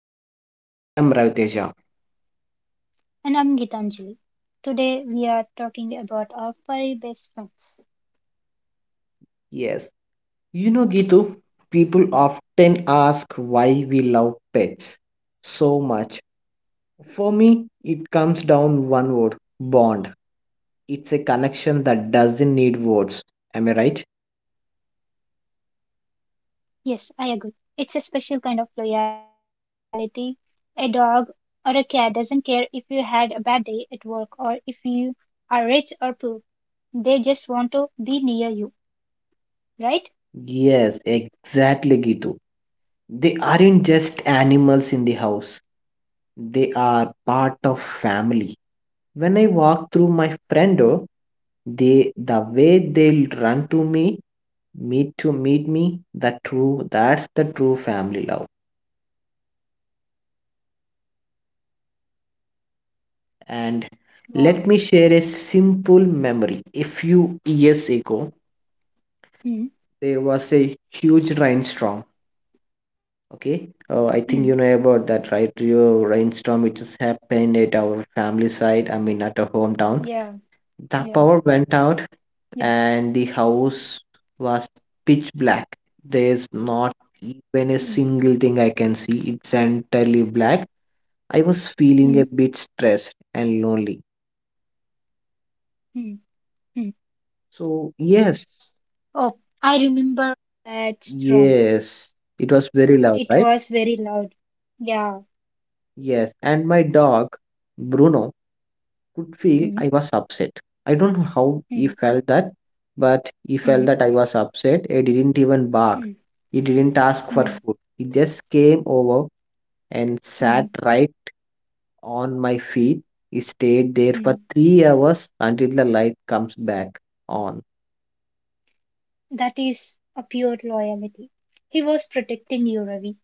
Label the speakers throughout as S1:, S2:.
S1: Play Show. I am Raviteja.
S2: And I'm Gitanjali. Today we are talking about our furry best friends.
S1: Yes, Gitu, people often ask why we love pets so much. For me, it comes down one word bond. It's a connection that doesn't need words. Am I right?
S2: Yes, I agree. It's a special kind of loyalty. A dog or a cat doesn't care if you had a bad day at work or if you are rich or poor. They just want to be near you, right?
S1: Yes, exactly, Gitu. They aren't just animals in the house, they are part of family. When I walk through my friend door, the way they'll run to me, meet me, the true that's the true family love. And
S2: Wow.
S1: let me share a simple memory. A few years ago,
S2: Mm,
S1: there was a huge rainstorm.
S2: mm,
S1: Okay, I think you know about that, right? Your rainstorm which has happened at our
S2: yeah,
S1: family side. I mean, at
S2: yeah,
S1: our hometown. The
S2: yeah.
S1: power went out and the house was pitch black. There's not
S2: Mm,
S1: even a single thing I can see. It's entirely black. I was
S2: mm,
S1: feeling a bit stressed and lonely.
S2: mm, mm.
S1: So,
S2: Oh,
S1: yes,
S2: I remember that storm.
S1: yes, it
S2: It
S1: was very
S2: was
S1: loud,
S2: very
S1: right?
S2: loud. Yeah.
S1: Yes, and my dog, Bruno, could feel
S2: Mm,
S1: I was upset. I don't know how he
S2: mm.
S1: felt that, but he felt
S2: Mm,
S1: that I was upset. He didn't even bark.
S2: mm,
S1: He didn't ask for
S2: mm,
S1: food. He just came over and
S2: mm,
S1: sat right on my feet. He stayed there for
S2: mm.
S1: 3 hours until the light comes back on.
S2: That is a pure loyalty. He was protecting you, Ravi.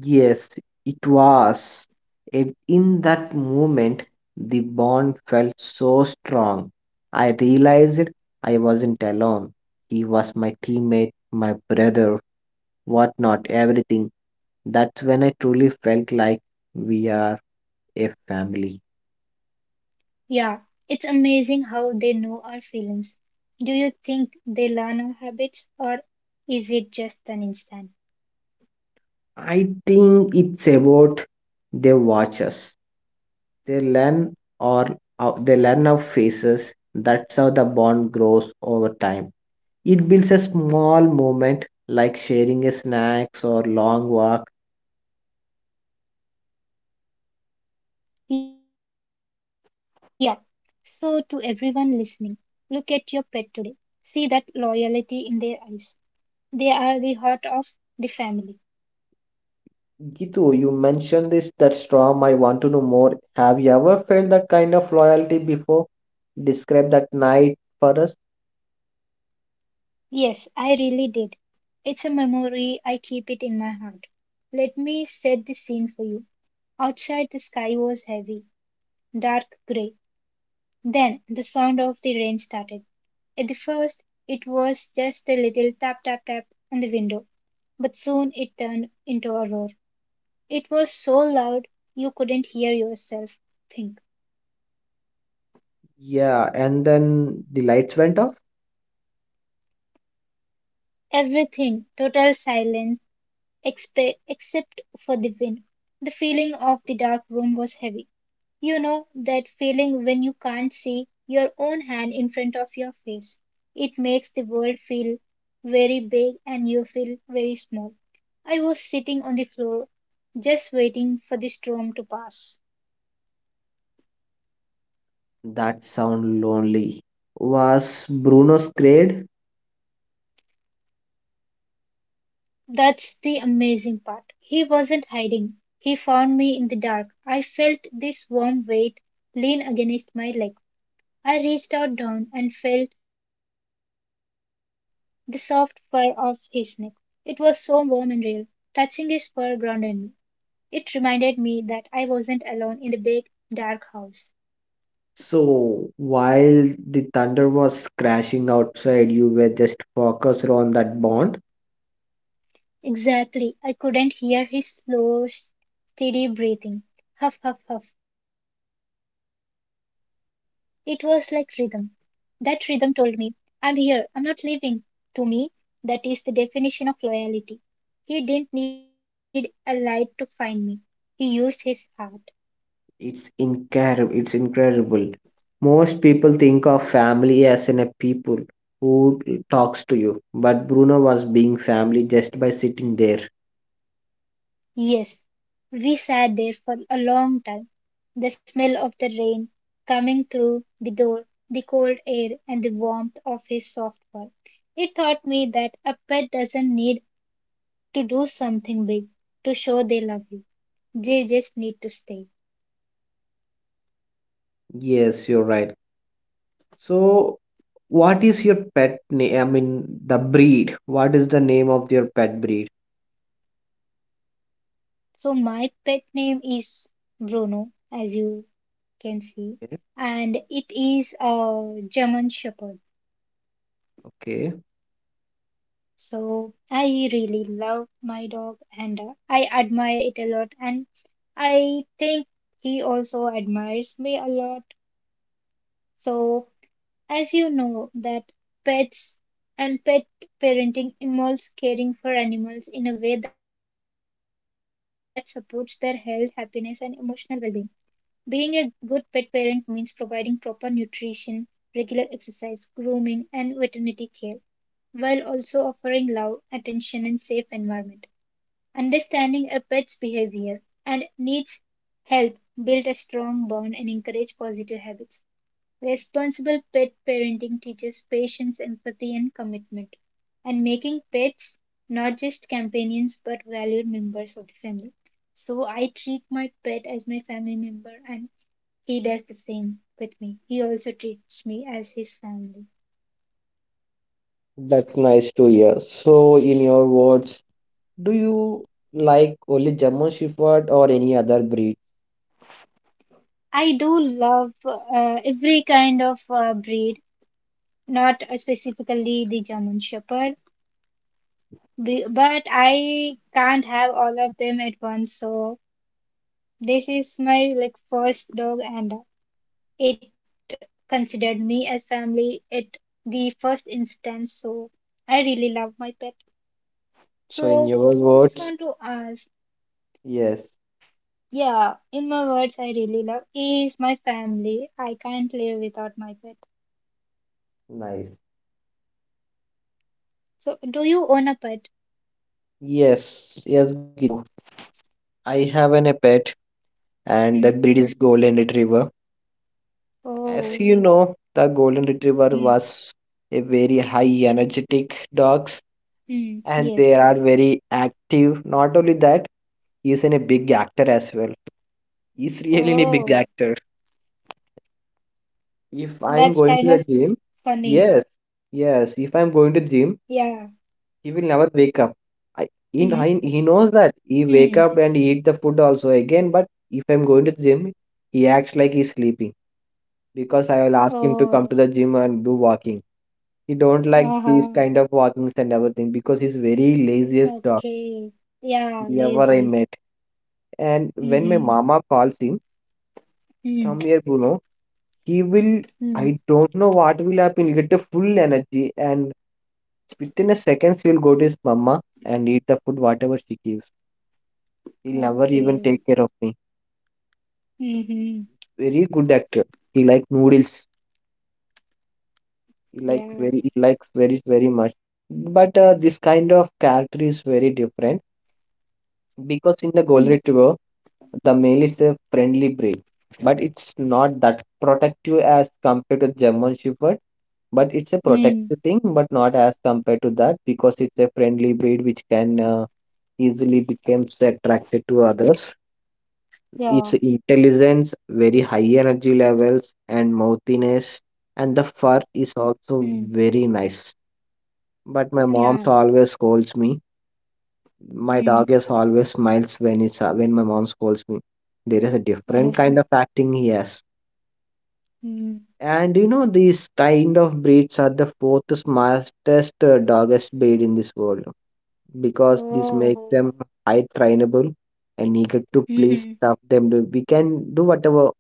S1: Yes, it was. And in that moment, the bond felt so strong. I realized I wasn't alone. He was my teammate, my brother, whatnot, everything. That's when I truly felt like we are a family.
S2: Yeah, it's amazing how they know our feelings. Do you think they learn our habits or is it just an instant?
S1: I think it's about they watch us. They learn or they learn our faces. That's how the bond grows over time. It builds a small moment like sharing a snacks or long walk.
S2: Yeah. So, to everyone listening, look at your pet today. See that loyalty in their eyes. They are the heart of the family.
S1: Gitu, you mentioned this that storm. I want to know more. Have you ever felt that kind of loyalty before? Describe that night for us.
S2: Yes, I really did. It's a memory, I keep it in my heart. Let me set the scene for you. Outside, the sky was heavy, dark grey. Then the sound of the rain started. At the first, it was just a little tap tap tap on the window, but soon it turned into a roar. It was so loud you couldn't hear yourself think.
S1: Yeah, and then the lights went off.
S2: Everything, total silence. Except for the wind. The feeling of the dark room was heavy. You know that feeling when you can't see your own hand in front of your face. It makes the world feel very big and you feel very small. I was sitting on the floor just waiting for the storm to pass.
S1: That sound lonely. Was Bruno scared?
S2: That's the amazing part. He wasn't hiding. He found me in the dark. I felt this warm weight lean against my leg. I reached out down and felt the soft fur of his neck. It was so warm and real. Touching his fur grounded me. It reminded me that I wasn't alone in the big, dark house.
S1: So while the thunder was crashing outside, you were just focused on that bond.
S2: Exactly. I couldn't hear his slow, steady breathing. Huff, huff, huff. It was like rhythm. That rhythm told me, I'm here, I'm not leaving. To me, that is the definition of loyalty. He didn't need a light to find me. He used his heart.
S1: It's incredible. It's incredible. Most people think of family as in a people who talks to you, but Bruno was being family just by sitting there.
S2: Yes, we sat there for a long time. The smell of the rain coming through the door, the cold air, and the warmth of his soft fur. It taught me that a pet doesn't need to do something big to show they love you. They just need to stay.
S1: Yes, you're right. So, what is your pet name? I mean, the breed. What is the name of your pet breed?
S2: So my pet name is Bruno, as you can see,
S1: Yes.
S2: and it is a German Shepherd.
S1: Okay,
S2: So I really love my dog and I admire it a lot and I think he also admires me a lot. So as you know that pets and pet parenting involves caring for animals in a way that supports their health, happiness and emotional well-being. Being a good pet parent means providing proper nutrition, regular exercise, grooming, and veterinary care, while also offering love, attention, and safe environment. Understanding a pet's behavior and needs help build a strong bond and encourage positive habits. Responsible pet parenting teaches patience, empathy, and commitment, and making pets not just companions but valued members of the family. So I treat my pet as my family member, and he does the same with me. He also treats me as his family.
S1: that's nice to hear. So, in your words, do you like only German Shepherd or any other breed?
S2: I do love every kind of breed, not specifically the German Shepherd, but I can't have all of them at once, so this is my like first dog and it considered me as family at the first instance. So I really love my pet.
S1: So, in
S2: So
S1: your
S2: I just
S1: words,
S2: want to ask,
S1: yes,
S2: yeah, in my words, I really love is my family. I can't live without my pet.
S1: nice.
S2: So do you own a pet?
S1: Yes, yes, Gitu. I have an a pet, and the
S2: Hmm.
S1: breed is Golden Retriever. As
S2: Oh.
S1: you know, the Golden Retriever
S2: Hmm.
S1: was a very high energetic dogs,
S2: Hmm.
S1: and
S2: Yes.
S1: they are very active. Not only that, he is in a big actor as well. He's really a big
S2: Oh.
S1: actor. If I'm
S2: That's
S1: going to
S2: kind of
S1: the gym,
S2: funny.
S1: yes,
S2: Yeah.
S1: yes. If I'm going to gym, he will never
S2: Hmm.
S1: wake up. I, he, kn- I- he
S2: Hmm.
S1: knows that he wake up and eat the food also again. But if I'm going to the gym, he acts like he's sleeping because I will ask him
S2: Oh.
S1: to come to the gym and do walking. He don't like these
S2: Uh-huh.
S1: kind of walkings and everything because he's very laziest dog
S2: Okay. Yeah,
S1: ever I
S2: lazy.
S1: met. And when my
S2: Mm-hmm.
S1: mama calls him,
S2: Mm.
S1: come here, Bruno. He will.
S2: Mm.
S1: I don't know what will happen. He'll get the full energy and within a seconds he will go to his mama and eat the food whatever she gives. He'll never even
S2: Okay.
S1: take care of me.
S2: Mm-hmm.
S1: Very good actor. He like noodles.
S2: Yeah.
S1: He likes very very much. But this kind of character is very different
S2: Mm.
S1: because in the Golden Retriever, the male is a friendly breed, but it's not that protective as compared to German Shepherd. But it's a
S2: Mm.
S1: protective thing, but not as compared to that because it's a friendly breed which can easily becomes attracted to others.
S2: Yeah.
S1: Its intelligence, very high energy levels, and mouthiness, and the fur is
S2: Mm.
S1: also very nice. But
S2: Yeah.
S1: my mom always scolds me. My
S2: Mm.
S1: dog is always smiles when my mom scolds me. There is a different kind of acting he has.
S2: Mm.
S1: And you know, these kind of breeds are the fourth smartest doggest breed in this world because this makes
S2: Oh.
S1: them high trainable and eager to please
S2: Mm-hmm.
S1: stuff them. We can do whatever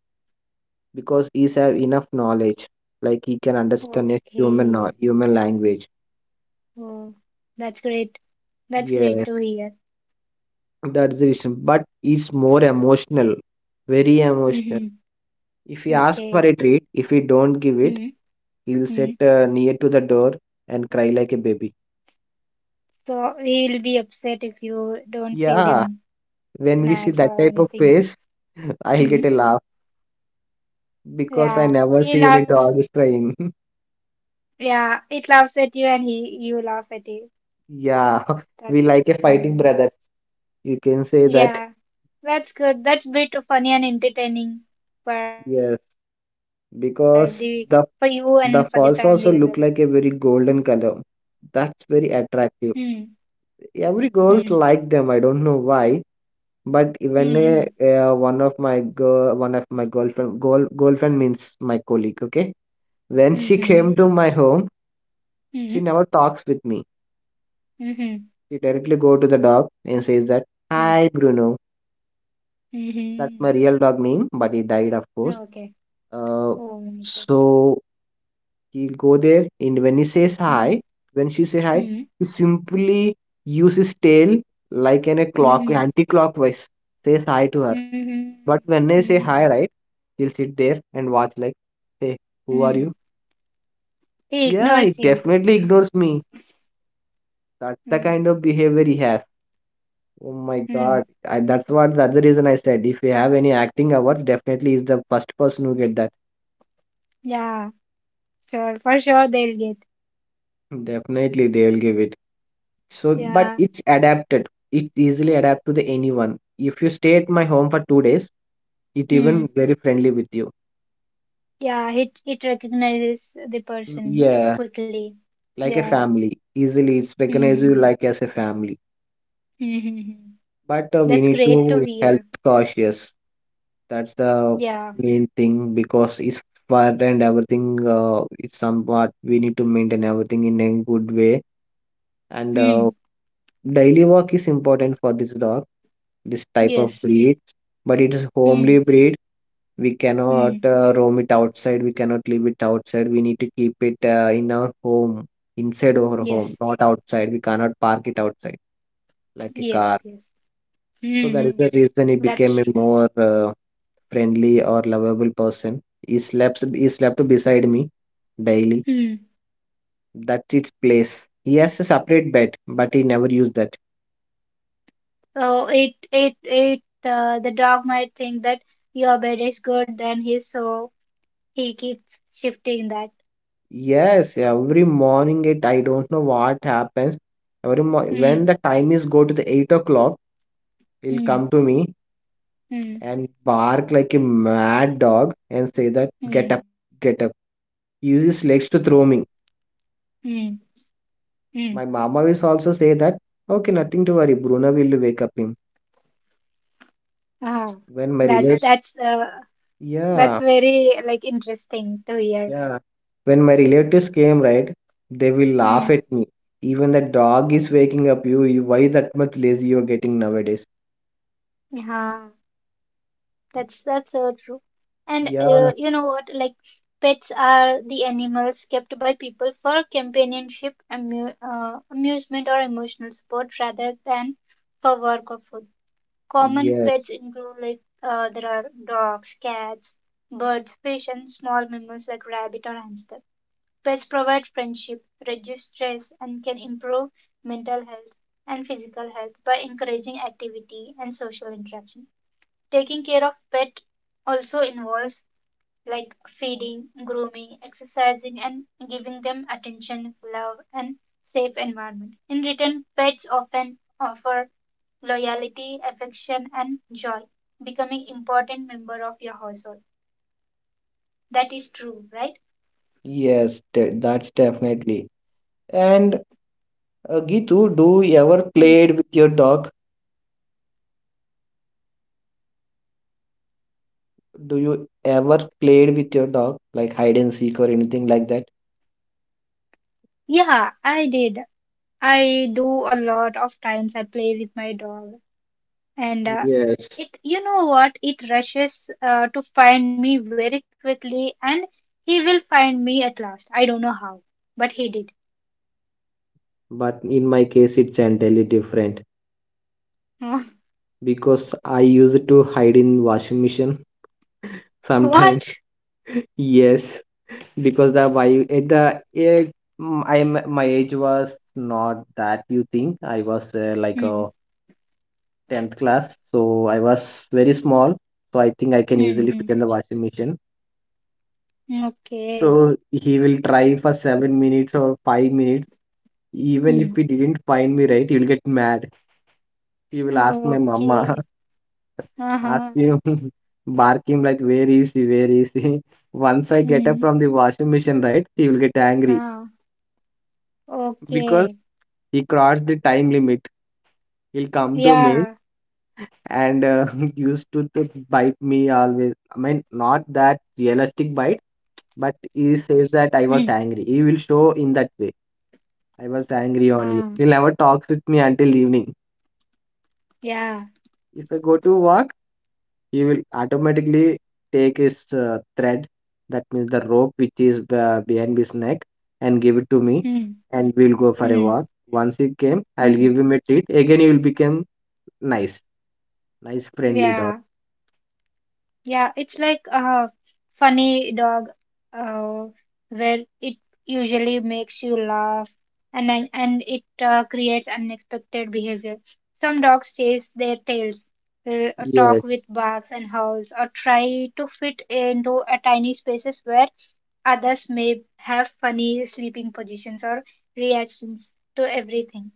S1: because he's have enough knowledge like he can understand a
S2: Okay.
S1: human language.
S2: Oh, that's great. That's great to
S1: Yes,
S2: hear.
S1: that's the reason, but it's more emotional, very emotional.
S2: Mm-hmm.
S1: If he ask for
S2: Okay.
S1: a treat, if he don't give it,
S2: Mm-hmm.
S1: he'll sit
S2: Mm-hmm.
S1: near to the door and cry like a baby.
S2: So he'll be upset if you don't feed
S1: Yeah,
S2: him
S1: when we see
S2: snacks
S1: that
S2: or
S1: type of
S2: anything.
S1: face I'll
S2: Mm-hmm.
S1: get a laugh because I
S2: Yeah.
S1: never
S2: He
S1: see any
S2: loves.
S1: dog is crying.
S2: Yeah, it laughs at you and he you laugh at it.
S1: Yeah, we
S2: That's
S1: like a fighting
S2: Hmm.
S1: brother, you can say that.
S2: yeah. That's good. That's bit funny and entertaining for
S1: Yes,
S2: the for you and for the
S1: because
S2: family as
S1: the
S2: well.
S1: the falls also look like a very golden color. That's very
S2: Hmm.
S1: attractive. Every
S2: Hmm.
S1: girls like them. I don't know why, but even
S2: Hmm.
S1: a, one of my girl, one of my girlfriend, girl, girlfriend means my colleague. Okay, when
S2: Hmm.
S1: she
S2: Hmm.
S1: came to my home, she
S2: Hmm.
S1: never talks with me.
S2: Hmm.
S1: She directly go to the dog and says that,
S2: Hmm.
S1: "Hi, Bruno."
S2: Hmm.
S1: That's
S2: Hmm.
S1: my real dog name, but he died, of course.
S2: Okay.
S1: Uh,
S2: Oh my God.
S1: so he'll go there, and when he says hi,
S2: Hmm.
S1: when she say hi,
S2: Hmm.
S1: he simply uses his tail like in a clock,
S2: Hmm.
S1: anti-clockwise, says hi to her.
S2: Hmm.
S1: But when I say
S2: Hmm.
S1: hi, right, he'll sit there and
S2: Hmm.
S1: watch like, hey, who are you?
S2: He ignores you.
S1: Yeah, he definitely ignores me.
S2: Hmm.
S1: That's the kind of behavior he has. Oh
S2: Hmm.
S1: my God, that's what that's the reason I said. If you have any acting awards, definitely is the first person who get that.
S2: Yeah. Sure. For sure they'll get.
S1: Definitely, they will give it. So, but
S2: Yeah.
S1: it's adapted. It easily adapt to the anyone. If you stay at my home for 2 days, it
S2: Hmm.
S1: even very friendly with you.
S2: Yeah, it recognizes the person
S1: Yeah,
S2: quickly.
S1: like a
S2: Yeah.
S1: family. Easily, it's recognize you
S2: Mm-hmm.
S1: like as a family.
S2: Mm-hmm.
S1: But we
S2: That's
S1: need
S2: great to
S1: to help
S2: hear.
S1: cautious. That's the
S2: Yeah.
S1: main thing because it's far and everything. It's somewhat we need to maintain everything in a good way. And
S2: Mm.
S1: daily work is important for this dog, this type of
S2: Yes.
S1: breed. But it is homely
S2: Mm.
S1: breed. We cannot
S2: Mm.
S1: roam it outside. We cannot leave it outside. We need to keep it in our home, inside our home,
S2: Yes.
S1: not outside. We cannot park it outside like a
S2: Yes.
S1: car.
S2: Yes.
S1: So that is
S2: Mm-hmm.
S1: the reason he
S2: That's
S1: became a
S2: true.
S1: more friendly or lovable person. He sleeps. He slept beside me daily.
S2: Mm.
S1: That's its place. He has a separate bed, but he never used that.
S2: So it the dog might think that your bed is good than his, so he keeps shifting that.
S1: Yes, every morning it. I don't know what happens. When
S2: Mm.
S1: the time is go to the 8 o'clock, he'll
S2: Mm.
S1: come to me
S2: Mm.
S1: and bark like a mad dog and say that get
S2: Mm.
S1: up, get up, use his legs to
S2: Mm.
S1: throw me.
S2: Mm.
S1: My mama will also say that okay nothing to worry, Bruno will wake up him.
S2: Ah,
S1: When my
S2: that's
S1: relate
S2: that's uh that's
S1: Yeah,
S2: very like interesting to hear.
S1: yeah, when my relatives came right, they will
S2: Hmm.
S1: laugh at me, even the dog is waking up you, you why that much lazy you're getting nowadays.
S2: Yeah, that's so true. And
S1: Yeah,
S2: you know what? Like pets are the animals kept by people for companionship, amusement, or emotional support rather than for work or food. Common pets
S1: yes,
S2: include like there are dogs, cats, birds, fish, and small mammals like rabbit or hamster. Pets provide friendship, reduce stress, and can improve mental health and physical health by encouraging activity and social interaction. Taking care of pet also involves like feeding, grooming, exercising and giving them attention, love and safe environment. In return, pets often offer loyalty, affection and joy, becoming important member of your household. That is true, right?
S1: that's definitely. And Gitu, do you ever
S2: Hmm.
S1: played with your dog? Do you ever played with your dog, like hide and seek or anything like that?
S2: Yeah, I did. I do a lot of times I play with my dog and
S1: Yes,
S2: it you know what it rushes to find me very quickly and he will find me at last. I don't know how, but he did.
S1: but in my case, it's entirely different because I used to hide in washing machine sometimes.
S2: What?
S1: Yes, because the why at the eh, mm, I am my age was not that you think. I was like
S2: Hmm.
S1: a tenth class, so I was very small. So I think I can
S2: Hmm.
S1: easily
S2: Hmm.
S1: fit in the washing machine.
S2: Okay.
S1: So he will try for 7 minutes or 5 minutes. Even if
S2: Hmm.
S1: he didn't find me right, he will get mad. He will ask my mama,
S2: Okay.
S1: ask
S2: Uh-huh.
S1: him, bark him like, where is he? Where is he? Once I get up
S2: Hmm.
S1: from the washing machine, right, he will get angry
S2: Ah.
S1: because
S2: Okay.
S1: he crossed the time limit. He'll come to me
S2: Yeah.
S1: and used to bite me always. I mean, not that realistic bite, but he
S2: Hmm.
S1: says that I was angry. He will show in that way. I was angry
S2: Ah.
S1: on you. He never talks with me until evening.
S2: Yeah.
S1: If I go to walk, he will automatically take his thread, that means the rope which is behind his neck, and give it to me,
S2: Hmm.
S1: and we'll go for a
S2: Hmm.
S1: walk. Once he came, I'll
S2: Hmm.
S1: give him a treat. Again, he will become nice, nice, friendly dog.
S2: Yeah. Yeah, it's like a funny dog, uh, where it usually makes you laugh and it creates unexpected behavior. Some dogs chase their tails, uh,
S1: Yes,
S2: talk with barks and howls, or try to fit into a tiny spaces where others may have funny sleeping positions or reactions to everything.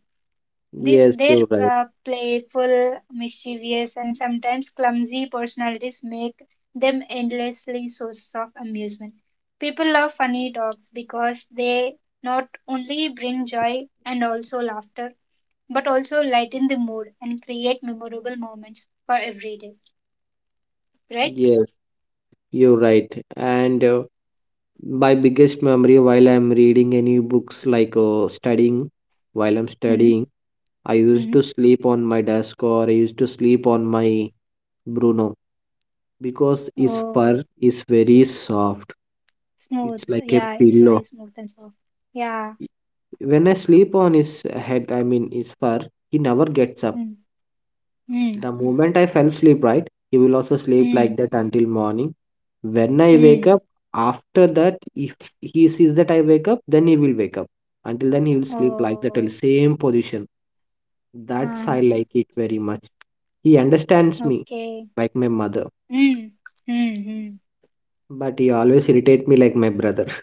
S2: This,
S1: yes,
S2: their
S1: you're right.
S2: playful, mischievous, and sometimes clumsy personalities make them endlessly sources of amusement. People love funny dogs because they not only bring joy and also laughter, but also lighten the mood and create memorable moments for every day. Right?
S1: Yes, you're right. And my biggest memory while I'm reading any books, like studying, while I'm
S2: Hmm.
S1: studying. I used
S2: Hmm.
S1: to sleep on my desk or I used to sleep on my Bruno because its
S2: Oh,
S1: fur is very soft.
S2: smooth.
S1: It's like
S2: Yeah,
S1: a
S2: it's very
S1: pillow.
S2: smooth and soft. Yeah.
S1: When I sleep on his head, I mean his fur, he never gets up.
S2: Hmm. Hmm.
S1: The moment I fell asleep, right, he will also sleep like
S2: Hmm.
S1: that until morning. When I wake
S2: Hmm.
S1: up, after that, if he sees that I wake up, then he will wake up. Until then, he will sleep like that,
S2: Oh.
S1: till same position.
S2: Uh
S1: That's I
S2: huh.
S1: like it very much. He understands me
S2: Okay.
S1: like my mother,
S2: Mm. Mm-hmm.
S1: but he always irritate me like my brother.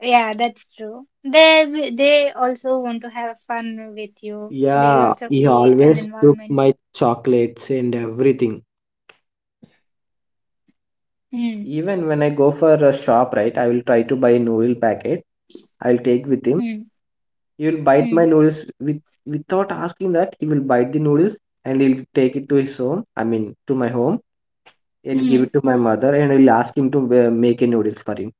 S2: Yeah, that's true. They also want to have fun with you. They'll
S1: Yeah,
S2: also
S1: he
S2: create an
S1: always took
S2: environment.
S1: my chocolates and everything.
S2: Mm.
S1: Even when I go for a shop, right, I will try to buy a noodle packet. I will take with
S2: Mm.
S1: him. He will
S2: Mm.
S1: bite my noodles without asking that. He will bite the noodles and he'll take it to his home. I mean, to my home and give
S2: Mm.
S1: it to my mother and I'll ask him to make a noodles for him.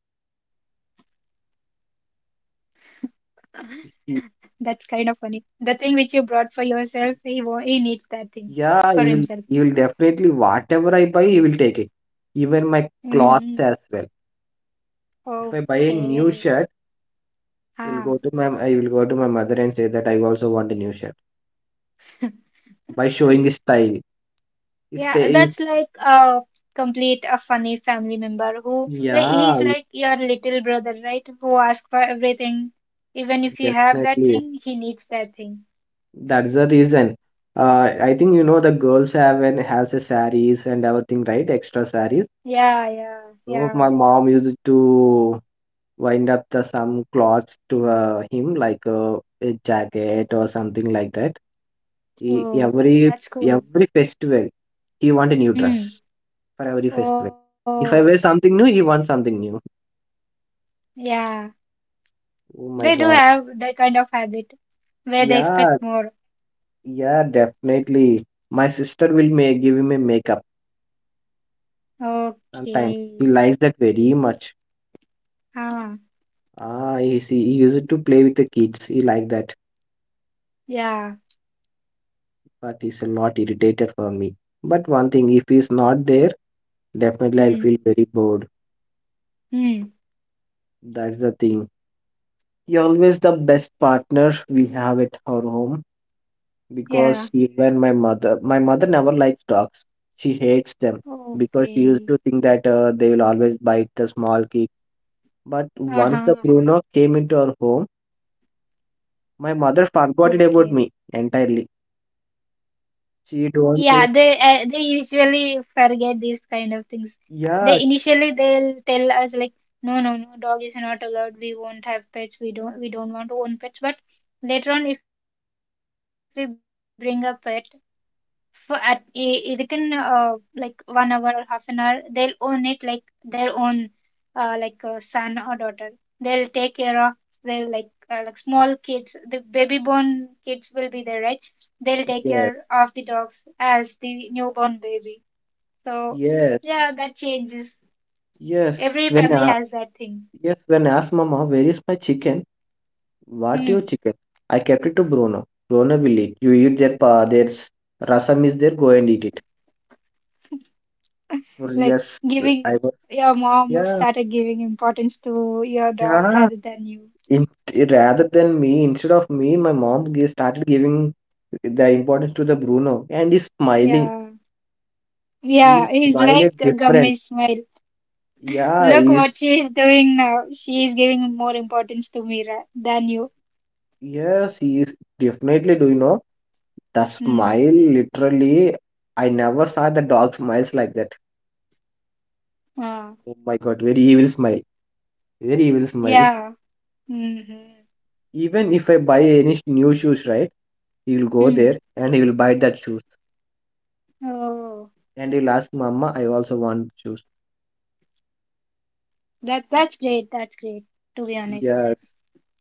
S2: That's kind of
S1: He-
S2: funny. The thing which you brought for yourself, he needs that thing for
S1: yeah,
S2: himself.
S1: he will definitely whatever I buy, he will take it. Even my
S2: Mm-hmm.
S1: clothes as well. If I buy a new
S2: Okay.
S1: shirt, you'll
S2: Ah.
S1: go to my I will go to my mother and say that I also want a new shirt by showing the style. It's ta-
S2: Yeah,
S1: is
S2: that's like a complete a funny family member who like
S1: Yeah,
S2: he's like your little brother, right? Who asks for everything. Even if you have that
S1: definitely.
S2: thing, he needs that thing.
S1: That's the reason. I think you know the girls have and has a saris and everything, right? Extra saris.
S2: Yeah, yeah, yeah.
S1: So my mom used to wind up the some clothes to him like a jacket or something like that. He,
S2: Oh, that's cool.
S1: every festival, he want a new dress.
S2: Hmm.
S1: For every festival.
S2: Oh,
S1: If I wear something new, he wants something new.
S2: yeah.
S1: Oh
S2: They
S1: my
S2: do
S1: god.
S2: have that kind of habit where they
S1: Yeah,
S2: expect more.
S1: yeah, definitely. My sister will make give him a makeup sometimes. He
S2: Okay.
S1: likes that very much.
S2: Ah,
S1: Ah, he see, he used to play with the kids. He like that,
S2: yeah.
S1: but he's a lot irritated for me. But one thing, if he's not there, definitely I'll
S2: Hmm.
S1: feel very bored.
S2: Hmm.
S1: That's the thing. He always the best partner we have at our home, because
S2: Yeah.
S1: even my mother never likes dogs. She hates them because she used
S2: Okay.
S1: to think that they will always bite the small kids. But once the
S2: Uh-huh.
S1: Bruno came into our home, my mother
S2: Okay.
S1: forgot it about me entirely. She
S2: Yeah,
S1: don't e-
S2: they usually forget these kind of things. They
S1: Yeah,
S2: initially they'll tell us like, no, no, no, dog is not allowed. We won't have pets. We don't want to own pets. But later on, if we bring a pet, for at a, within like 1 hour or half an hour they'll own it like their own like son or daughter they'll take care of their like small kids the baby born kids will be there right they'll take
S1: yes,
S2: care of the dogs as the newborn baby so yeah
S1: yes,
S2: that changes
S1: yes.
S2: every family has that thing
S1: Yes, when I asked mama, "Where is my chicken?" "What
S2: hmm.
S1: your chicken?" "I kept it to Bruno. Bruno will eat. You eat their rasam is there, go and eat it."
S2: Like
S1: Yes,
S2: giving
S1: I was.
S2: your mom
S1: Yeah.
S2: started giving importance to your dog
S1: Yeah,
S2: rather than you
S1: rather than me, instead of me, my mom started giving the importance to the Bruno, and he's smiling.
S2: yeah. Yeah,
S1: He'll
S2: he's
S1: smile
S2: like
S1: at
S2: a
S1: different.
S2: gummy smile.
S1: Yeah,
S2: Look
S1: he's
S2: what she is doing now. She is giving more importance to than you.
S1: yes, he is, definitely. Do you know the
S2: Hmm.
S1: smile? Literally, I never saw the dog smiles like that.
S2: Ah.
S1: Oh my God, very evil smile, very evil smile.
S2: Yeah. Mm-hmm.
S1: Even if I buy any new shoes, right? He'll go
S2: Mm.
S1: there and he will buy that shoes,
S2: Oh,
S1: and he'll ask, "Mama, I also want shoes."
S2: that that's great. That's great. To be honest.
S1: Yes.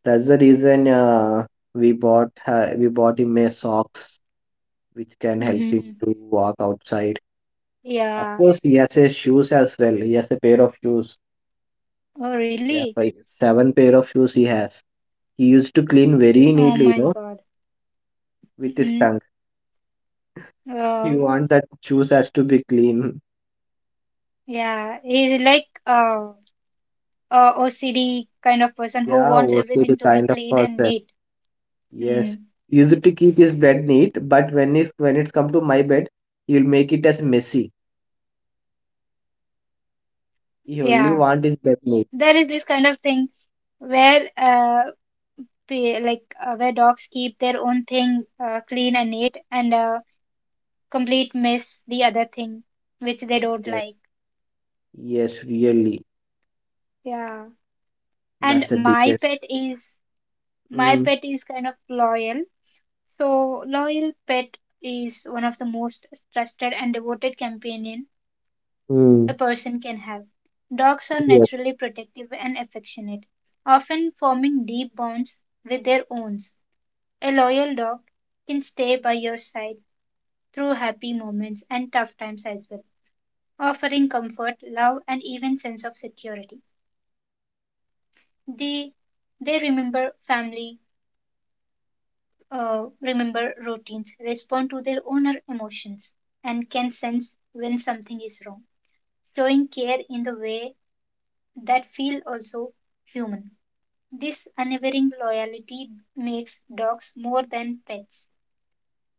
S1: That's the reason we bought him a socks which can help him
S2: Mm-hmm.
S1: to walk outside. Of
S2: Yeah.
S1: course, he has his shoes as well. He has a pair of shoes.
S2: Oh,
S1: Yeah,
S2: really?
S1: five, seven pair of shoes he has. He used to clean very
S2: Oh
S1: neatly, you
S2: my
S1: know,
S2: God.
S1: with his
S2: Mm-hmm.
S1: tongue.
S2: Oh,
S1: You want that shoes has to be clean.
S2: yeah. He's like a OCD kind of person who
S1: Yeah,
S2: wants
S1: was the
S2: everything to be
S1: kind of
S2: clean and
S1: person.
S2: neat.
S1: Yes,
S2: Mm.
S1: he used to keep his bed neat, but when it's come to my bed, he'll make it as messy.
S2: Yeah.
S1: He only want
S2: There
S1: his
S2: is
S1: bed
S2: this
S1: neat.
S2: kind of thing where like where dogs keep their own thing clean and neat and complete miss the other thing which they don't
S1: Yes,
S2: like
S1: yes, really.
S2: yeah
S1: That's
S2: and
S1: the biggest.
S2: my
S1: Mm,
S2: pet is kind of loyal so loyal pet is one of the most trusted and devoted companion
S1: mm,
S2: a person can have dogs are
S1: yes,
S2: naturally protective and affectionate often forming deep bonds with their owns. A loyal dog can stay by your side through happy moments and tough times as well, offering comfort, love, and even sense of security. They they remember family, remember routines, respond to their owner emotions, and can sense when something is wrong, showing care in the way that feel also human. This unwavering loyalty makes dogs more than pets.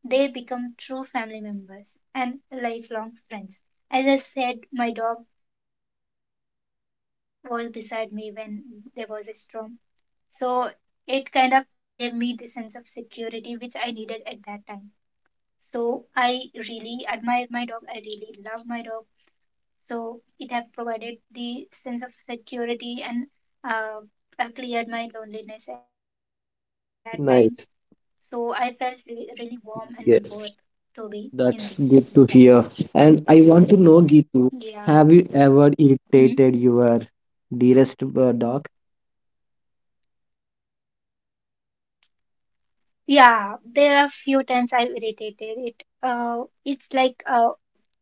S2: They become true family members and lifelong friends. As I said, my dog was beside me when there was a storm. So it kind of gave me the sense of security which I needed at that time. So I really admire my dog. I really love my dog. So it have provided the sense of security and uh, cleared my loneliness at that time. So I
S1: nice.
S2: felt really warm and worth to be
S1: Yes,
S2: in this
S1: that's
S2: life.
S1: good to hear. And I want to know, Gitu,
S2: Yeah.
S1: have you ever
S2: Mm.
S1: irritated your dearest dog?
S2: Yeah, there are few times I've irritated it. It's like uh,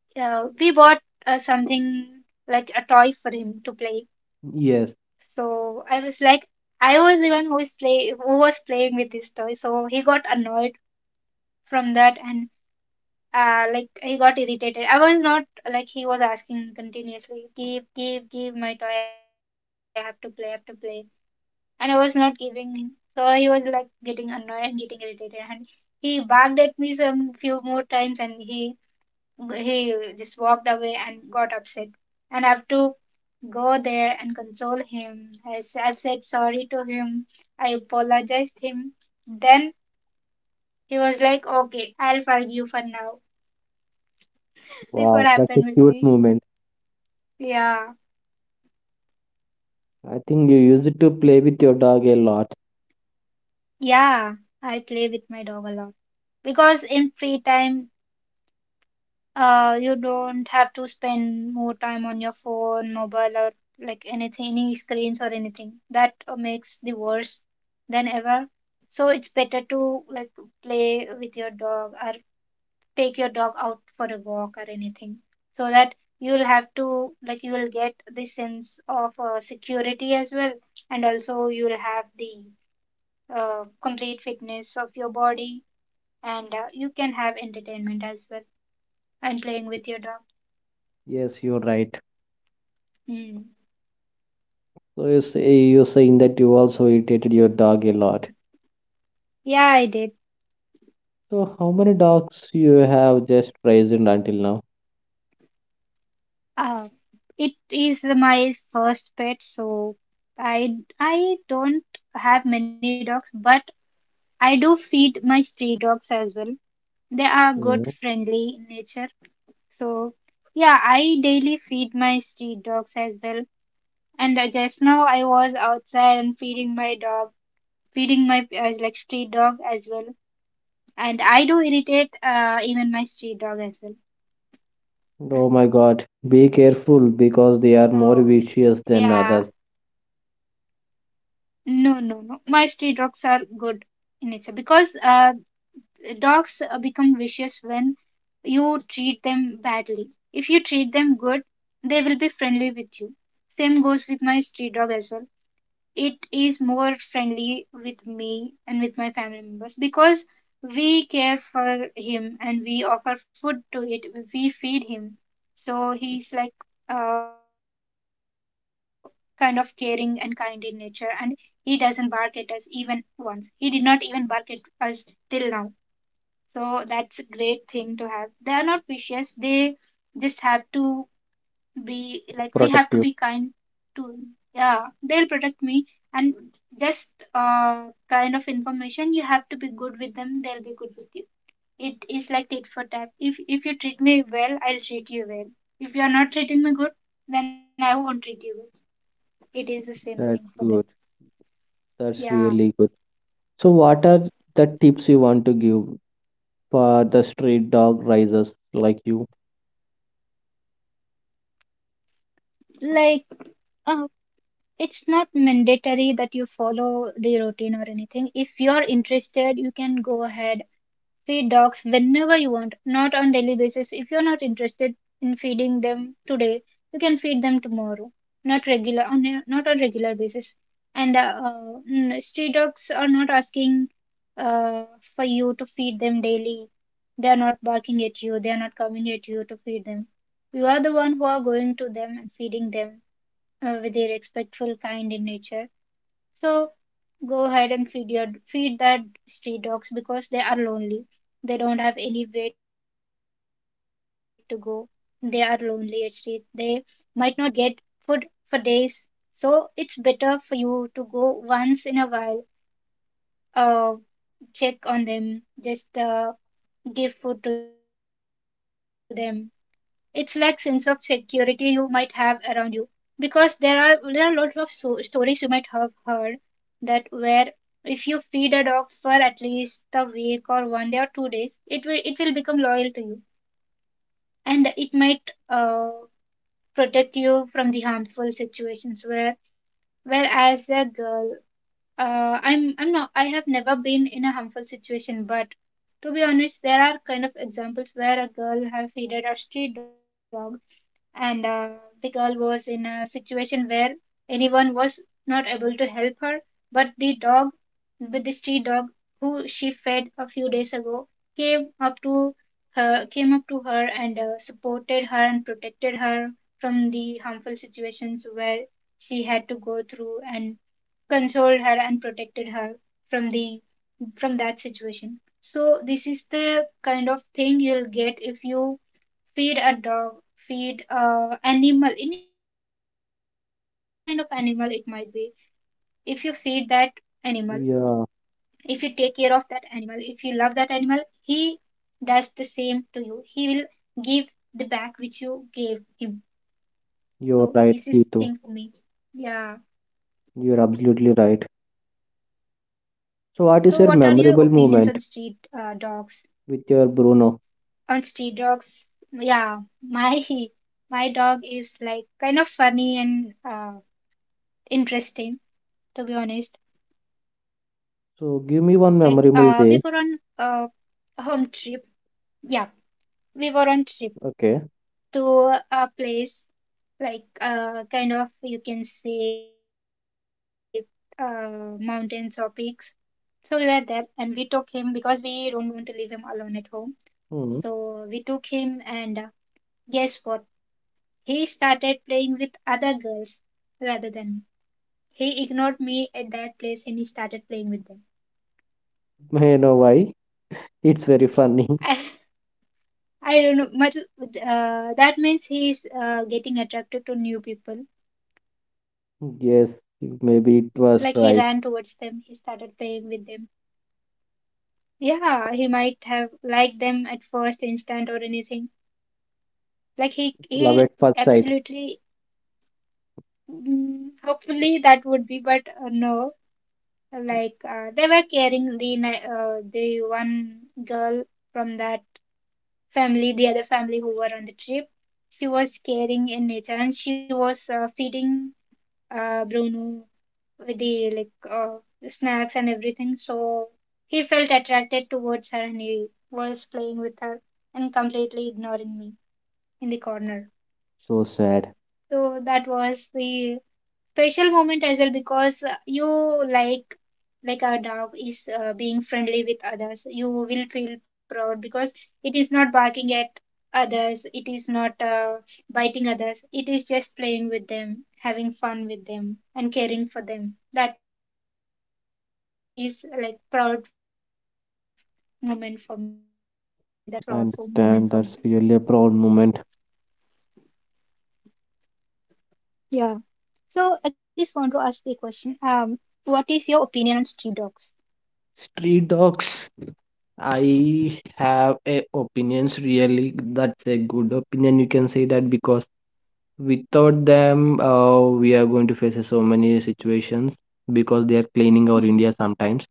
S2: uh, we bought something like a toy for him to play.
S1: Yes.
S2: So I was like, I was the one who is play who was playing with this toy. So he got annoyed from that, and like he got irritated. I was not, like, he was asking continuously, give, give, give my toy. I have to play, I have to play, and I was not giving him. So he was like getting annoyed and getting irritated, and he barked at me some few more times, and he just walked away and got upset. And I have to go there and console him. I said sorry to him. I apologized him. Then he was like, "Okay, I'll forgive you for now." This what
S1: Wow, that's a
S2: happened with
S1: cute
S2: me.
S1: moment.
S2: Yeah,
S1: I think you used to play with your dog a lot.
S2: yeah. I play with my dog a lot because in free time. You don't have to spend more time on your phone, mobile, or like anything, any screens or anything. That makes the worse than ever. So it's better to like play with your dog or take your dog out for a walk or anything, so that you'll have to like you will get the sense of security as well, and also you'll have the complete fitness of your body, and you can have entertainment as well and playing with your dog.
S1: Yes, you're right.
S2: Mm.
S1: So you're saying that you also irritated your dog a lot.
S2: Yeah, I did.
S1: So how many dogs you have just raised until
S2: Uh, it is my first pet, so I I don't have many dogs, but I do feed my stray dogs as well. They are
S1: now?
S2: good, friendly in nature. So yeah, I daily feed my stray dogs as well. And just now I was outside and feeding my dog, feeding my like stray dog as well. And I do irritate even my stray dog as well.
S1: Oh my god, be
S2: So
S1: careful because they
S2: yeah.
S1: are more vicious than others.
S2: No, no, no. My stray dogs are good in nature because dogs become vicious when you treat them badly. If you treat them good, they will be friendly with you. Same goes with my stray dog as well. It is more friendly with me and with my family members because we care for him and we offer food to it, we feed him. So he's like uh, kind of caring and kind in nature, and he doesn't bark at us. Even once he did not even bark at us till now. So that's a great thing to have. They are not vicious. They just have to be like,
S1: Protect
S2: we
S1: you.
S2: have to be kind to. Yeah, they'll protect me. And just kind of information, you have to be good with them, they'll be good with you. It is like tit for tat. If you treat me well, I'll treat you well. If you're not treating me good, then I won't treat you well. It is the same
S1: That's
S2: thing for
S1: good.
S2: them.
S1: That's really
S2: Yeah,
S1: good. So, what are the tips you want to give for the street dog raisers like you?
S2: like uh it's not mandatory that you follow the routine or anything. If you're interested, you can go ahead. Feed dogs whenever you want, not on daily basis. If you're not interested in feeding them today, you can feed them tomorrow. Not on regular basis. And street dogs are not asking uh, for you to feed them daily. They are not barking at you. They are not coming at you to feed them. You are the one who are going to them and feeding them with a respectful, kind in nature. So go ahead and feed your feed that street dogs because they are lonely. They don't have anywhere to go. They are lonely at street. They might not get food for days. So it's better for you to go once in a while, uh, check on them, just give food to them. It's like sense of security you might have around you, because there are lots of stories you might have heard, that where if you feed a dog for at least a week or 1 day or 2 days, it will become loyal to you, and it might protect you from the harmful situations where whereas a girl I have never been in a harmful situation, but to be honest, there are kind of examples where a girl have feeded a street dog, and the girl was in a situation where anyone was not able to help her, but the dog, with the street dog who she fed a few days ago, came up to her, and supported her and protected her from the harmful situations where she had to go through, and consoled her and protected her from the from that situation. So this is the kind of thing you'll get. If you feed a dog, feed a animal, any kind of animal it might be. If you feed that animal, if you take
S1: Yeah,
S2: care of that animal, if you love that animal, he does the same to you. He will give the back which you gave him. So
S1: you're
S2: this is
S1: right,
S2: thing for
S1: Gitu.
S2: me. Yeah.
S1: You're absolutely right.
S2: So what are your
S1: So, what is
S2: opinions
S1: your
S2: on
S1: memorable
S2: street
S1: moment
S2: dogs?
S1: with your Bruno?
S2: Honesty dogs. Yeah, my dog is like kind of funny and interesting, to be honest. Like we were
S1: So,
S2: on
S1: give me one
S2: a
S1: memorable day.
S2: home trip. Yeah, we were on trip to
S1: Okay.
S2: a place, like kind of you can say mountains or peaks. So we were there and we took him because we don't want to leave him alone at home.
S1: Hmm.
S2: So we took him, and guess what? He started playing with other girls rather than me. He ignored me at that place and he started playing with them.
S1: May I know why. It's very funny.
S2: I, I don't know much. That means he's getting attracted to new people. Like
S1: Yes,
S2: he ran towards
S1: maybe
S2: them.
S1: it
S2: He
S1: was
S2: started
S1: right.
S2: playing with them. Yeah, he might have liked them at first instant or anything. Like he
S1: Love
S2: he
S1: at first sight.
S2: absolutely. Mm, hopefully that would be, but no. Like they were carrying the the one girl from that family, the other family who were on the trip. She was caring in nature, and she was feeding Bruno with the like snacks and everything. So he felt attracted towards her, and he was playing with her and completely ignoring me in the corner.
S1: So sad.
S2: So that was the special moment as well, because you like our dog is being friendly with others, you will feel proud, because it is not barking at others, it is not biting others, it is just playing with them, having fun with them, and caring for them. That is like proud moment for me. That was proud for moment for me.
S1: I understand that's really a proud moment.
S2: Yeah. So I just want to ask the question, what is your opinion on street dogs?
S1: Street dogs, I have a opinions really. That's a good opinion. You can say that because without them, we are going to face so many situations because they are cleaning
S2: Hmm.
S1: our India sometimes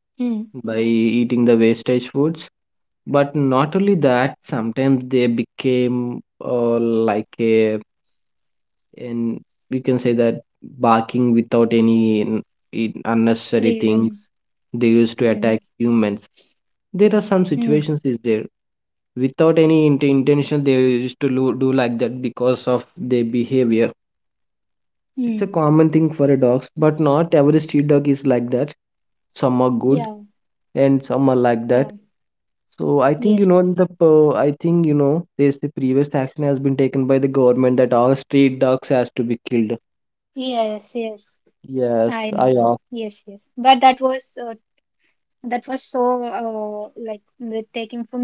S2: Hmm.
S1: by eating the wastage foods. But not only that, sometimes they became like a, and we can say that barking without any unnecessary things,
S2: Reason.
S1: they used to
S2: Hmm.
S1: attack humans. There are some
S2: Hmm.
S1: situations is there, without any intention they used to do like that because of their behavior. It's a
S2: Hmm.
S1: common thing for a dogs, but not every street dog is like that. Some are good
S2: Yeah,
S1: and some are like that.
S2: yeah,
S1: So
S2: yes,
S1: I think you know there's the previous action has been taken by the government that all street dogs
S2: yeah,
S1: has
S2: yes,
S1: to be
S2: yes.
S1: killed.
S2: I know, I know. Yes, yes.
S1: Yes i
S2: But that was so like the taking from, because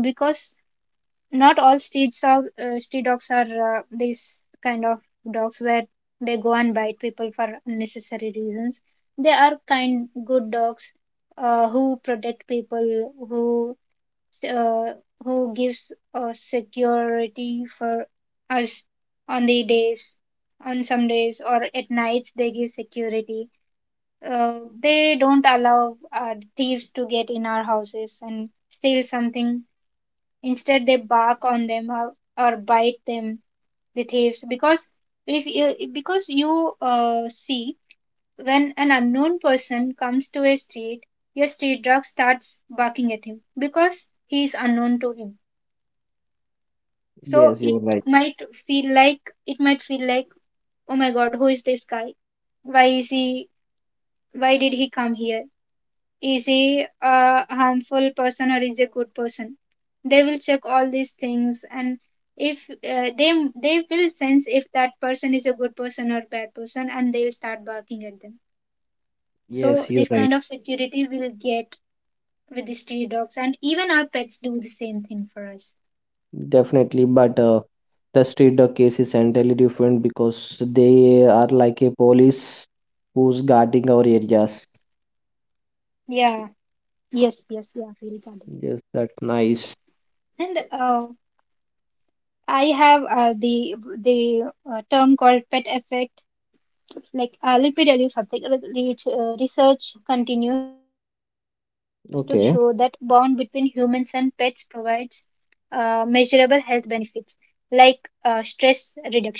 S2: not all street dogs are these kind of dogs where they go and bite people for unnecessary reasons. They are kind, good dogs who protect people, uh, who gives us security for us on the days, on some days or at nights they give security. They don't allow thieves to get in our houses and steal something. Instead, they bark on them, or bite them, the thieves, because if you, because you see, when an unknown person comes to a street, your street dog starts barking at him because he is unknown to him. So
S1: Yes, you're right.
S2: might it might feel like, oh my God, who is this guy? Why is he? Why did he come here? Is he a harmful person, or is he a good person? They will check all these things, and if they will sense if that person is a good person or bad person, and they'll start barking at them. So
S1: Yes, you're
S2: this
S1: right.
S2: kind of security we'll get with the stray dogs, and even our pets do the same thing for us.
S1: Definitely. But the street dog case is entirely different because they are like a police who's guarding our areas.
S2: Yeah. Yes. Yes. Yeah. Really, darling.
S1: Yes, that's nice.
S2: And I have the term called pet effect. Like, let me tell you something. Research continues to show that bond between humans
S1: Okay.
S2: and pets provides measurable health benefits, like stress reduction.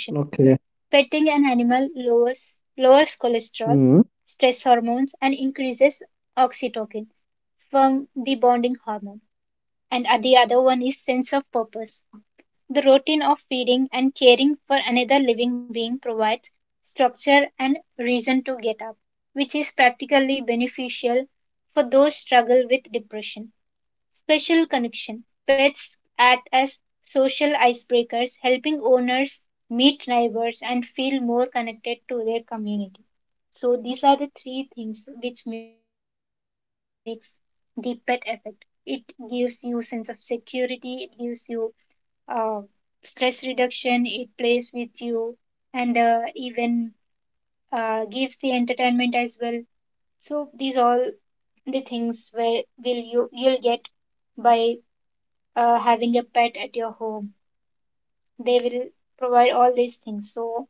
S2: Petting
S1: Okay.
S2: an animal lowers cholesterol, stress
S1: Mm.
S2: hormones, and increases oxytocin from the bonding hormone. And the other one is sense of purpose. The routine of feeding and caring for another living being provides structure and reason to get up, which is practically beneficial for those struggle with depression. Special connection. Pets act as social icebreakers, helping owners meet neighbors and feel more connected to their community. So these are the three things which makes the pet effect. It gives you sense of security, it gives you uh, stress reduction, it plays with you and even gives the entertainment as well, so these all the things where will you'll get by having a pet at your home. They will provide all these things, so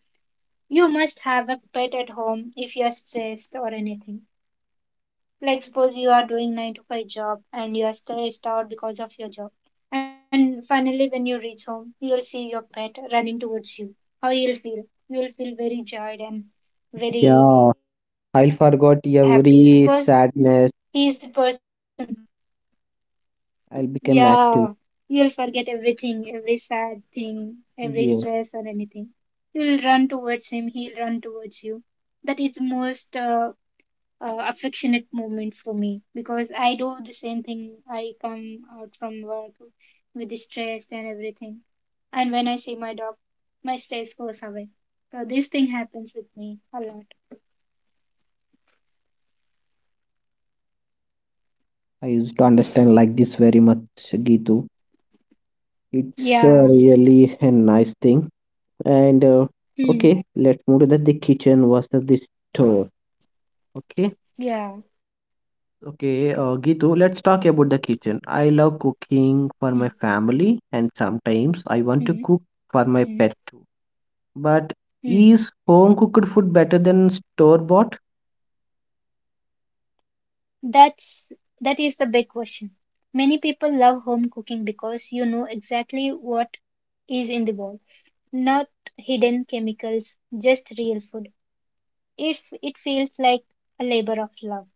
S2: you must have a pet at home if you're stressed or anything. Like suppose you are doing 9 to 5 job and you are stressed out because of your job. And finally when you reach home, you'll see your pet running towards you. How you'll feel? You'll feel very joyed and
S1: Yeah. I
S2: very
S1: forgot
S2: happy
S1: every
S2: because
S1: sadness.
S2: he is the person.
S1: I became active.
S2: Yeah. You'll forget everything, every sad thing, every
S1: Yes,
S2: stress or anything. You'll run towards him, he'll run towards you. That is the most affectionate moment for me because I do the same thing. I come out from work with the stress and everything, and when I see my dog, my stress goes away. So this thing happens with me a lot.
S1: I used to understand like this very much, Gitu. It's really a
S2: Yeah.
S1: nice thing. And okay, let's move
S2: Hmm.
S1: to the kitchen versus the store. Okay.
S2: Yeah.
S1: Okay, Gitu, let's talk about the kitchen. I love cooking for my
S2: Hmm.
S1: family, and sometimes I want to cook
S2: Hmm.
S1: for my pet
S2: Hmm.
S1: too. But
S2: Hmm.
S1: is home cooked food better than store bought?
S2: That's that is the big question. Many people love home cooking because you know exactly what is in the bowl. Not hidden chemicals, just real food. If it feels like a labor of love.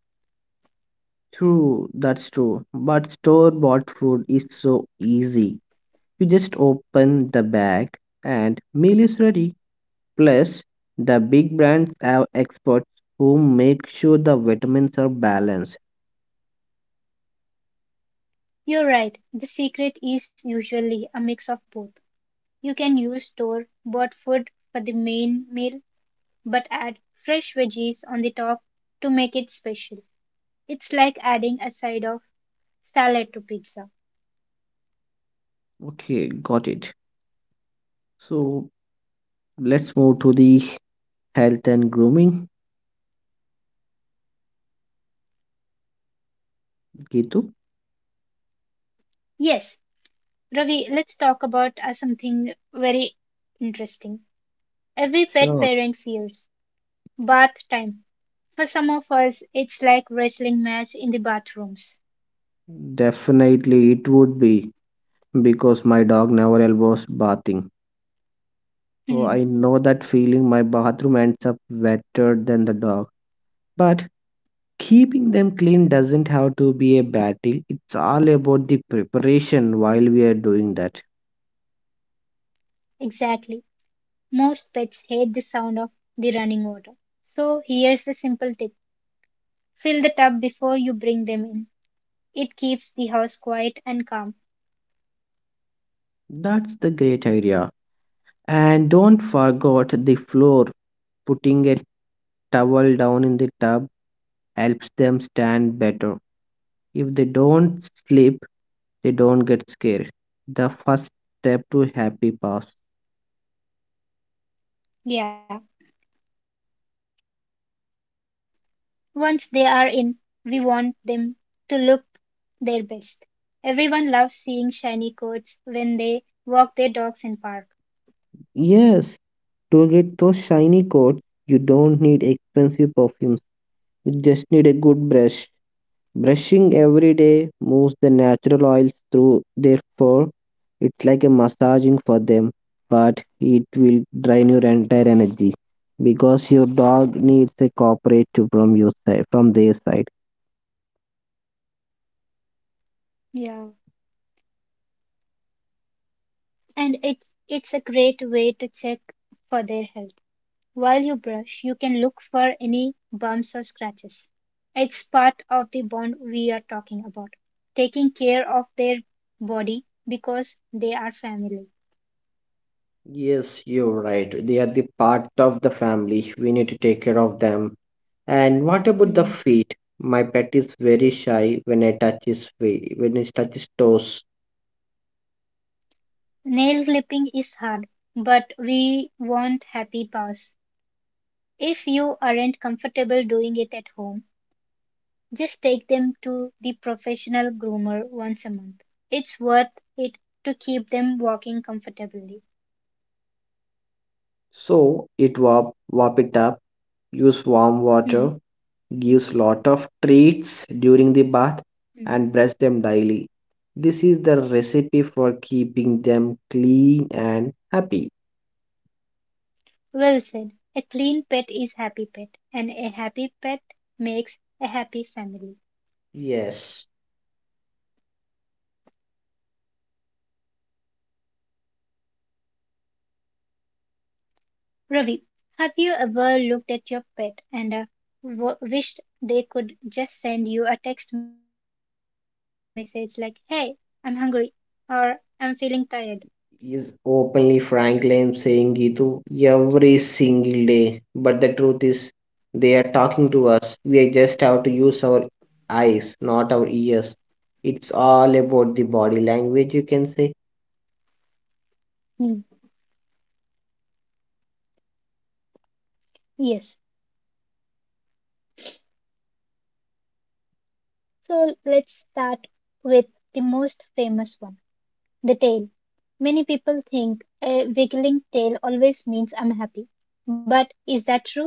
S1: True, that's true. But store bought food is so easy. You just open the bag and meal is ready. Plus, the big brands have experts who make sure the vitamins are balanced.
S2: You're right. The secret is usually a mix of both. You can use store bought food for the main meal, but add fresh veggies on the top to make it special. It's like adding a side of salad to pizza.
S1: Okay, got it. So let's move to the health and grooming, Gitu?
S2: Yes, Ravi, let's talk about something very interesting. Every pet
S1: Sure.
S2: parent fears bath time. For some of us, it's like wrestling match in the bathrooms.
S1: Definitely, it would be because my dog never elbows bathing. So
S2: Hmm,
S1: I know that feeling, my bathroom ends up wetter than the dog. But keeping them clean doesn't have to be a battle. It's all about the preparation while we are doing that.
S2: exactly. Most pets hate the sound of the running water. So here's a simple tip. Fill the tub before you bring them in. It keeps the house quiet and calm.
S1: That's the great idea. And don't forget the floor. Putting a towel down in the tub helps them stand better. If they don't sleep, they don't get scared. The first step to happy pass.
S2: Yeah. Once they are in, we want them to look their best. Everyone loves seeing shiny coats when they walk their dogs in park.
S1: Yes, to get those shiny coats, you don't need expensive perfumes. You just need a good brush. Brushing every day moves the natural oils through their fur. It's like a massaging for them, but it will drain your entire energy because your dog needs a cooperative from your side, from their side.
S2: Yeah. And it's a great way to check for their health. While you brush, you can look for any bumps or scratches. It's part of the bond we're talking about, taking care of their body because they are family.
S1: Yes, you're right. They are the part of the family. We need to take care of them. And what about the
S2: Hmm.
S1: feet? My pet is very shy when I touch his feet, when he touches toes.
S2: Nail clipping is hard, but we want happy paws. If you aren't comfortable doing it at home, just take them to the professional groomer once a month. It's worth it to keep them walking comfortably.
S1: So it warp it up, use warm
S2: Hmm.
S1: water, gives lot of treats during the bath,
S2: Hmm.
S1: and brush them daily. This is the recipe for keeping them clean and happy.
S2: Well said. A clean pet is happy pet, and a happy pet makes a happy family.
S1: Yes.
S2: Ravi, have you ever looked at your pet and wished they could just send you a text message like, hey, I'm hungry or I'm feeling tired?
S1: Is openly Franklin saying, Gitu, every single day. But the truth is, they are talking to us. We are just have to use our eyes, not our ears. It's all about the body language, you can say.
S2: Hmm. Yes. So let's start with the most famous one, the tail. Many people think a wiggling tail always means I'm happy. But is that true?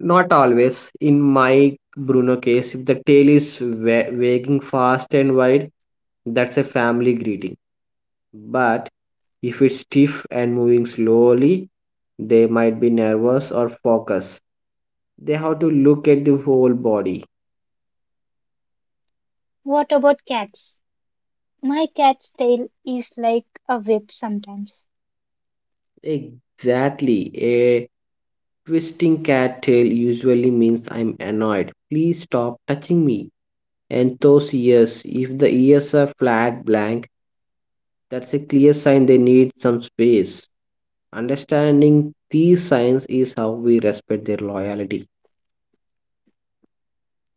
S1: Not always. In my Bruno case, if the tail is wagging fast and wide, that's a family greeting. But if it's stiff and moving slowly, they might be nervous or focused. They have to look at the whole body.
S2: What about cats? My cat's tail is like a whip sometimes.
S1: Exactly. A twisting cat tail usually means I'm annoyed. Please stop touching me. And those ears, if the ears are flat, blank, that's a clear sign they need some space. Understanding these signs is how we respect their loyalty.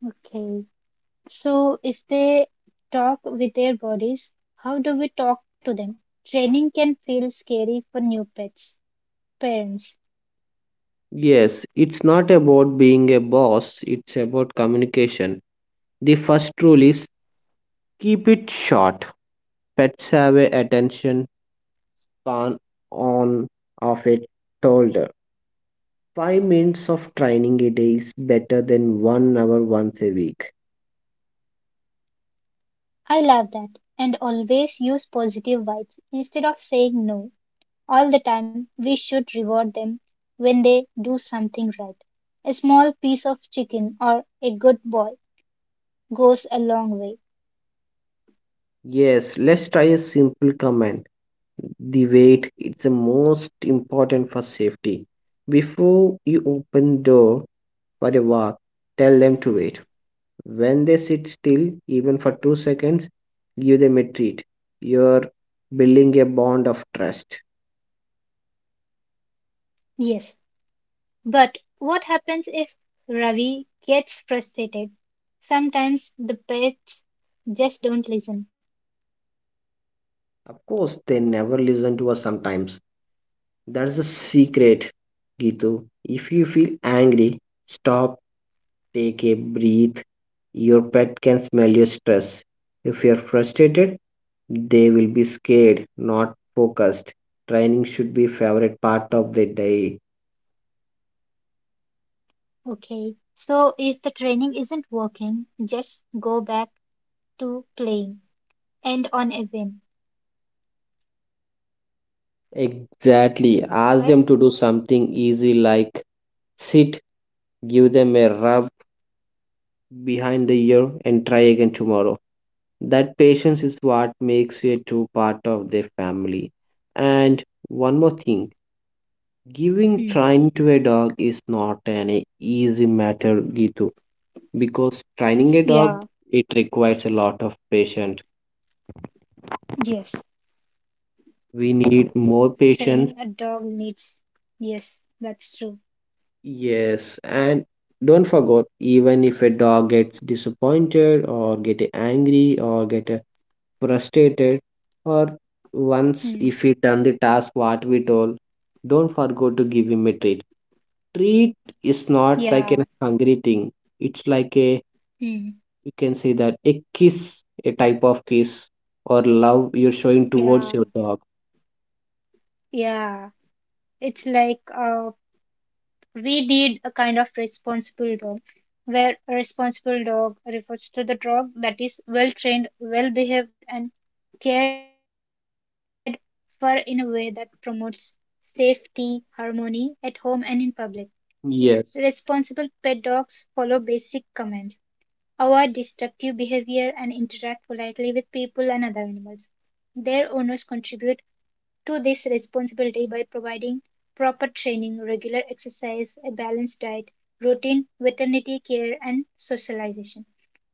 S2: Okay. So if they talk with their bodies, how do we talk to them? Training can feel scary for new pets. Parents,
S1: Yes, it's not about being a boss, it's about communication. The first rule is keep it short. Pets have a attention can on of a toddler. 5 minutes of training a day is better than 1 hour once a week.
S2: I love that. And always use positive vibes instead of saying no. All the time, we should reward them when they do something right. A small piece of chicken or a good boy goes a long way.
S1: Yes, let's try a simple command. The weight is the most important for safety. Before you open door for a walk, tell them to wait. When they sit still, even for 2 seconds, give them a treat. You're building a bond of trust.
S2: Yes, but what happens if Ravi gets frustrated? Sometimes the pets just don't listen.
S1: Of course, they never listen to us sometimes. That's the secret, Gitu. If you feel angry, stop, take a breath. Your pet can smell your stress. If you're frustrated, they will be scared, not focused. Training should be favorite part of the day.
S2: Okay. So if the training isn't working, just go back to playing. End on a win,
S1: Exactly. Ask
S2: right?
S1: them to do something easy like sit, give them a rub behind the ear and try again tomorrow. That patience is what makes you a true part of their family. And one more thing, giving
S2: Hmm.
S1: training to a dog is not an easy matter, Gitu, because training a
S2: Yeah.
S1: dog it requires a lot of patience.
S2: Yes.
S1: We need more patience.
S2: Training a dog needs. Yes, that's true.
S1: Yes, and don't forget, even if a dog gets disappointed or get angry or get frustrated or once
S2: Hmm.
S1: if we done the task what we told, don't forget to give him a treat. Treat is not like
S2: Yeah.
S1: a hungry thing, it's like a,
S2: Hmm.
S1: you can say that a kiss, a type of kiss or love you're showing towards
S2: Yeah.
S1: your dog.
S2: Yeah. It's like we did a kind of responsible dog, where a responsible dog refers to the dog that is well trained, well behaved, and cared for in a way that promotes safety, harmony at home and in public. Responsible pet
S1: Yes,
S2: dogs follow basic commands, avoid destructive behavior, and interact politely with people and other animals. Their owners contribute to this responsibility by providing proper training, regular exercise, a balanced diet, routine veterinary care, and socialization.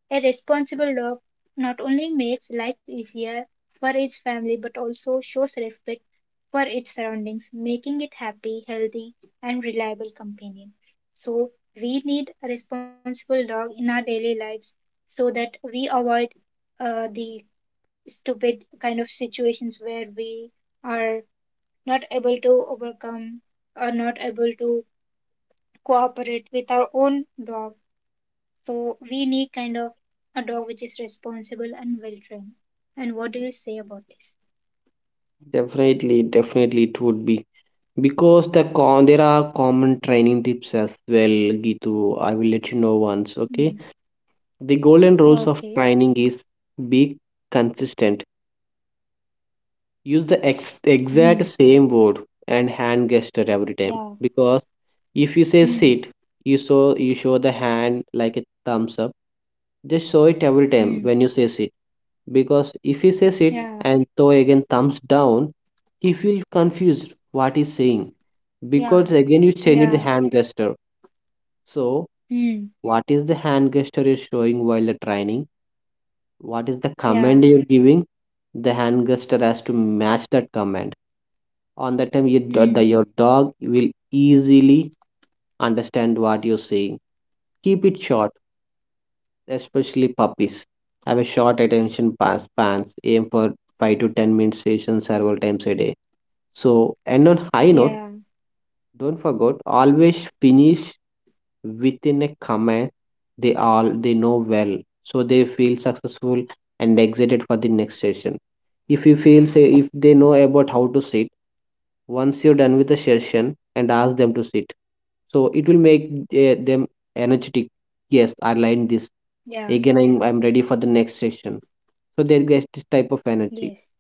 S2: A responsible dog not only makes life easier for its family but also shows respect for its surroundings, making it happy, healthy, and reliable companion. So we need a responsible dog in our daily lives so that we avoid the stupid kind of situations where we are not able to overcome or not able to cooperate with our own dog, so we need kind of a dog which is responsible and well trained. And what do you say about this?
S1: definitely it would be because there are common training tips as well, Gitu. I will let you know once. Okay,
S2: Mm.
S1: the golden rules of
S2: Okay.
S1: training is be consistent. Use the exact
S2: Mm.
S1: same word and hand gesture every time,
S2: Yeah.
S1: because if you say
S2: Mm.
S1: sit, you show the hand like a thumbs up. Just show it every time
S2: Mm.
S1: when you say sit, because if he says sit
S2: Yeah.
S1: and throw again thumbs down, he feels confused what he's saying, because
S2: Yeah.
S1: again you changed the
S2: Yeah.
S1: hand gesture. So
S2: Mm.
S1: what is the hand gesture you're showing while the training, what is the command
S2: Yeah.
S1: you're giving? The hand gesture has to match that command. On that time your,
S2: Mm.
S1: your dog will easily understand what you're saying. Keep it short, especially puppies have a short attention spans. Aim for 5 to 10 minute sessions several times a day. So and on high note,
S2: Yeah.
S1: don't forget always finish within a comment they all they know well, so they feel successful and excited for the next session. If you feel, say if they know about how to sit, once you're done with the session and ask them to sit. So it will make them energetic. Yes, I learned this.
S2: Yeah.
S1: Again, I'm ready for the next session. So they get this type of energy.
S2: Yes.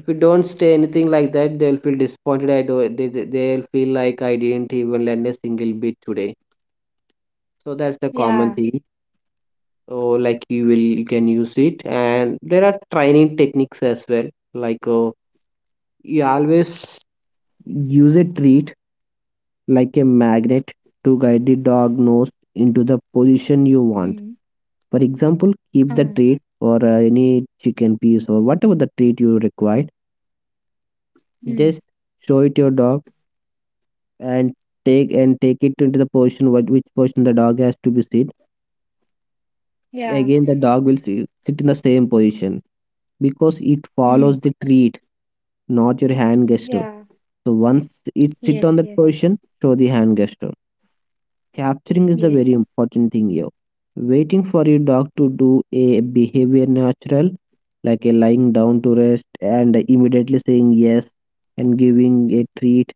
S1: If you don't say anything like that, they'll feel disappointed. I do. They'll feel like I didn't even learn a single bit today. So that's the common
S2: Yeah.
S1: thing. So like you will, you can use it, and there are training techniques as well. Like uh, you always use a treat like a magnet to guide the dog nose into the position you want.
S2: Mm.
S1: For example, keep the
S2: Huh.
S1: treat or any chicken piece or whatever the treat you require.
S2: Mm.
S1: Just show it your dog, and take it into the position what which position the dog has to be sit.
S2: Yeah.
S1: Again, the dog will sit in the same position because it follows
S2: Mm.
S1: the treat, not your hand gesture.
S2: Yeah.
S1: So once it
S2: Yes.
S1: sit on that
S2: Yes.
S1: position, show the hand gesture. Capturing is the
S2: Yes.
S1: very important thing here. Waiting for your dog to do a behavior natural, like a lying down to rest and immediately saying yes and giving a treat,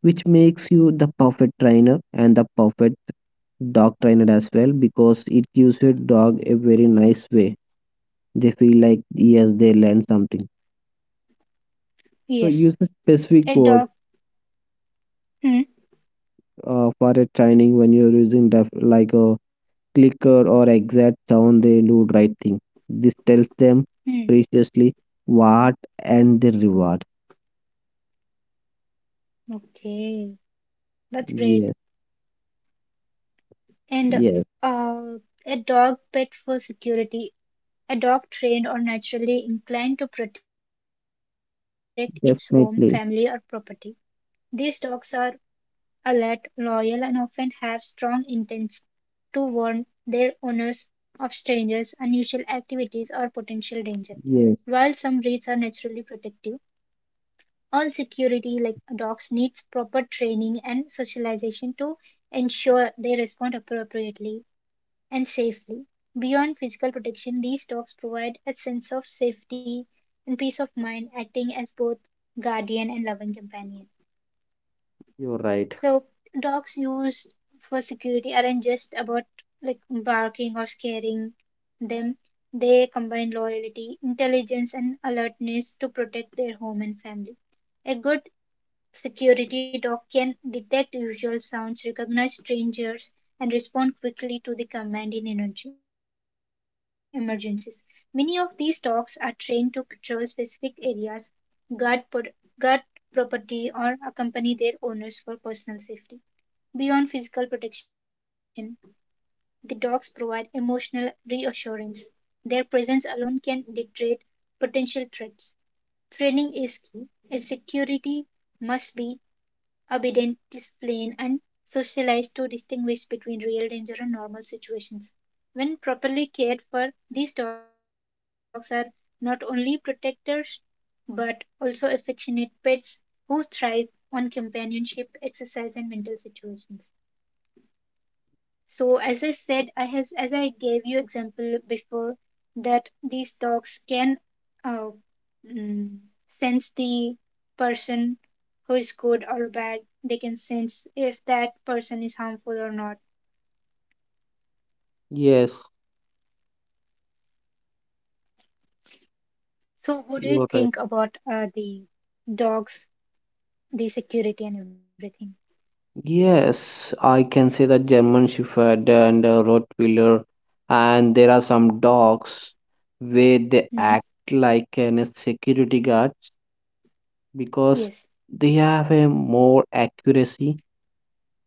S1: which makes you the perfect trainer and the perfect dog trainer as well, because it gives your dog a very nice way. They feel like yes, they learned something. So
S2: Yes.
S1: use a specific
S2: A
S1: word
S2: dog. Mm.
S1: for a training when you're using like a clicker or exact sound they do right thing. This tells them
S2: Mm.
S1: preciously what and the reward.
S2: Okay. That's great.
S1: Yes,
S2: And
S1: yes,
S2: uh, a dog pet for security. A dog trained or naturally inclined to protect its home, family, or property.
S1: definitely.
S2: These dogs are alert, loyal, and often have strong intents to warn their owners of strangers, unusual activities, or potential danger. While
S1: Yes,
S2: some breeds are naturally protective, all security like dogs needs proper training and socialization to ensure they respond appropriately and safely. Beyond physical protection, these dogs provide a sense of safety and peace of mind, acting as both guardian and loving companion.
S1: you're right.
S2: So, dogs used for security aren't just about like barking or scaring them. They combine loyalty, intelligence, and alertness to protect their home and family. A good security dog can detect unusual sounds, recognize strangers, and respond quickly to the command in emergencies. Many of these dogs are trained to patrol specific areas, guard, guard property, or accompany their owners for personal safety. Beyond physical protection, the dogs provide emotional reassurance. Their presence alone can deter potential threats. Training is key. A security must be obedient, disciplined, and socialized to distinguish between real danger and normal situations. When properly cared for, these dogs are not only protectors but also affectionate pets who thrive on companionship, exercise, and mental situations. So as I said, I has as I gave you example before that these dogs can uh, mm, sense the person who is good or bad. They can sense if that person is harmful or not.
S1: Yes,
S2: So what do you
S1: you're
S2: think
S1: right.
S2: about the dogs, the security and everything?
S1: Yes, I can say that German Shepherd and Rottweiler, and there are some dogs where they
S2: Mm.
S1: act like an security guards, because
S2: Yes.
S1: they have a more accuracy,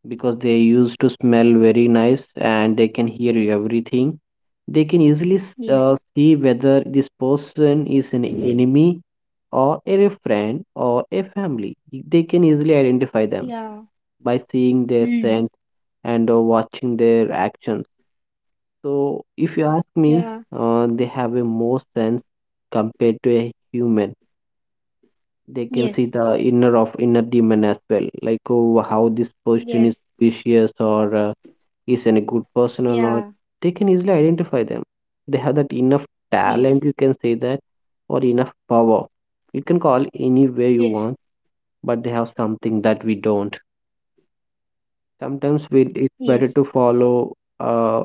S1: because they used to smell very nice and they can hear everything. They can easily
S2: Yes.
S1: see whether this person is an enemy or a friend or a family. They can easily identify them
S2: Yeah.
S1: by seeing their
S2: Mm.
S1: scent and watching their actions. So, if you ask
S2: Yeah.
S1: me, they have a more sense compared to a human. They can
S2: Yes.
S1: see the inner of inner demon as well, like oh, how this person is
S2: Yes.
S1: vicious or. Is an a good person or not,
S2: Yeah.
S1: they can easily identify them. They have that enough talent, you
S2: Yes.
S1: can say that, or enough power, you can call any way you want,
S2: Yes.
S1: but they have something that we don't. Sometimes we, it's
S2: Yes.
S1: better to follow, uh,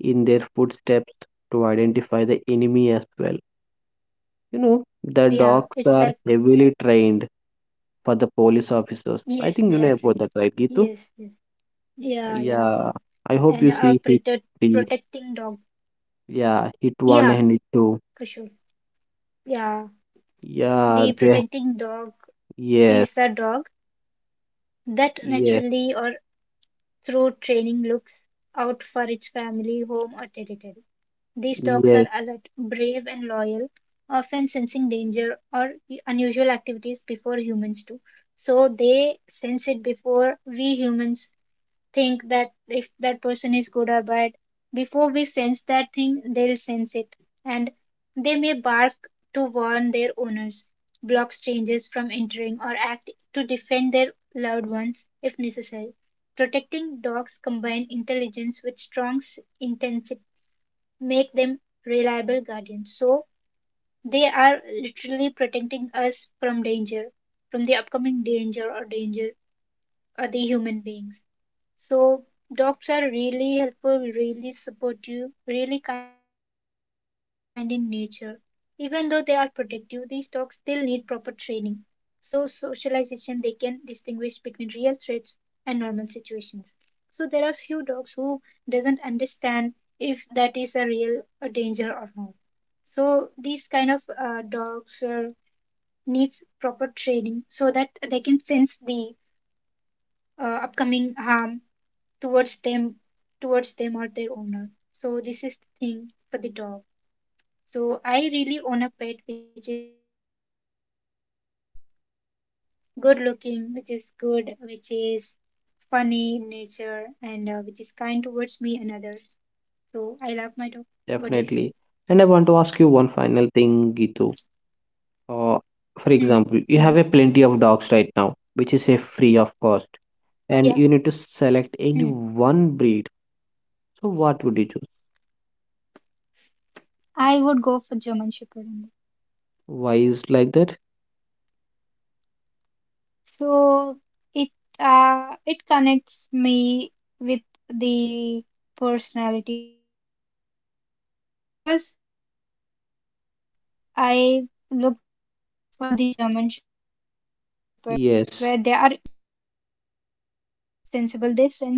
S1: in their footsteps to identify the enemy as well. You know, the
S2: Yeah.
S1: dogs
S2: It's
S1: are
S2: like
S1: heavily trained for the police officers. I
S2: yes,
S1: think you
S2: they are
S1: know about
S2: trained.
S1: that, right, Gitu?
S2: Yes, yes. Yeah, yeah, I
S1: Yeah,
S2: know.
S1: I hope
S2: And
S1: you
S2: a
S1: see hit
S2: protect,
S1: three.
S2: protecting dog.
S1: Yeah, hit one
S2: Yeah,
S1: and hit two.
S2: for sure. Yeah,
S1: Yeah,
S2: the
S1: they,
S2: protecting dog
S1: yes,
S2: is the dog that
S1: yes,
S2: naturally or through training looks out for its family, home, or territory. These dogs are
S1: yes,
S2: alert, brave, and loyal, often sensing danger or unusual activities before humans do. So they sense it before we humans think that if that person is good or bad. Before we sense that thing, they'll sense it, and they may bark to warn their owners, block strangers from entering, or act to defend their loved ones if necessary. Protecting dogs combine intelligence with make them reliable guardians. So they are literally protecting us from danger, from the upcoming danger or danger or the human beings. So dogs are really helpful, really supportive, really kind in nature. Even though they are protective, these dogs still need proper training. So socialization they can distinguish between real threats and normal situations. So there are few dogs who doesn't understand if that is a real a danger or not. So these kind of dogs needs proper training so that they can sense the upcoming harm towards them towards them or their owner. So this is the thing for the dog. So I really own a pet which is good looking, which is good, which is funny in nature, and which is kind towards me and others. So I love my dog. What do you
S1: definitely.
S2: say?
S1: And I want to ask you one final thing, Gitu. Uh, for example,
S2: Mm,
S1: you have a
S2: mm,
S1: plenty of dogs right now, which is a free of cost, and
S2: yeah.
S1: you need to select any
S2: Mm.
S1: one breed. So what would you choose?
S2: I would go for German Shepherd only.
S1: Why is like that?
S2: So it it connects me with the personality of the dog because I looked for the German Shepherds, where they are more interactive,
S1: Yes,
S2: more caring, more like sensible. They sense,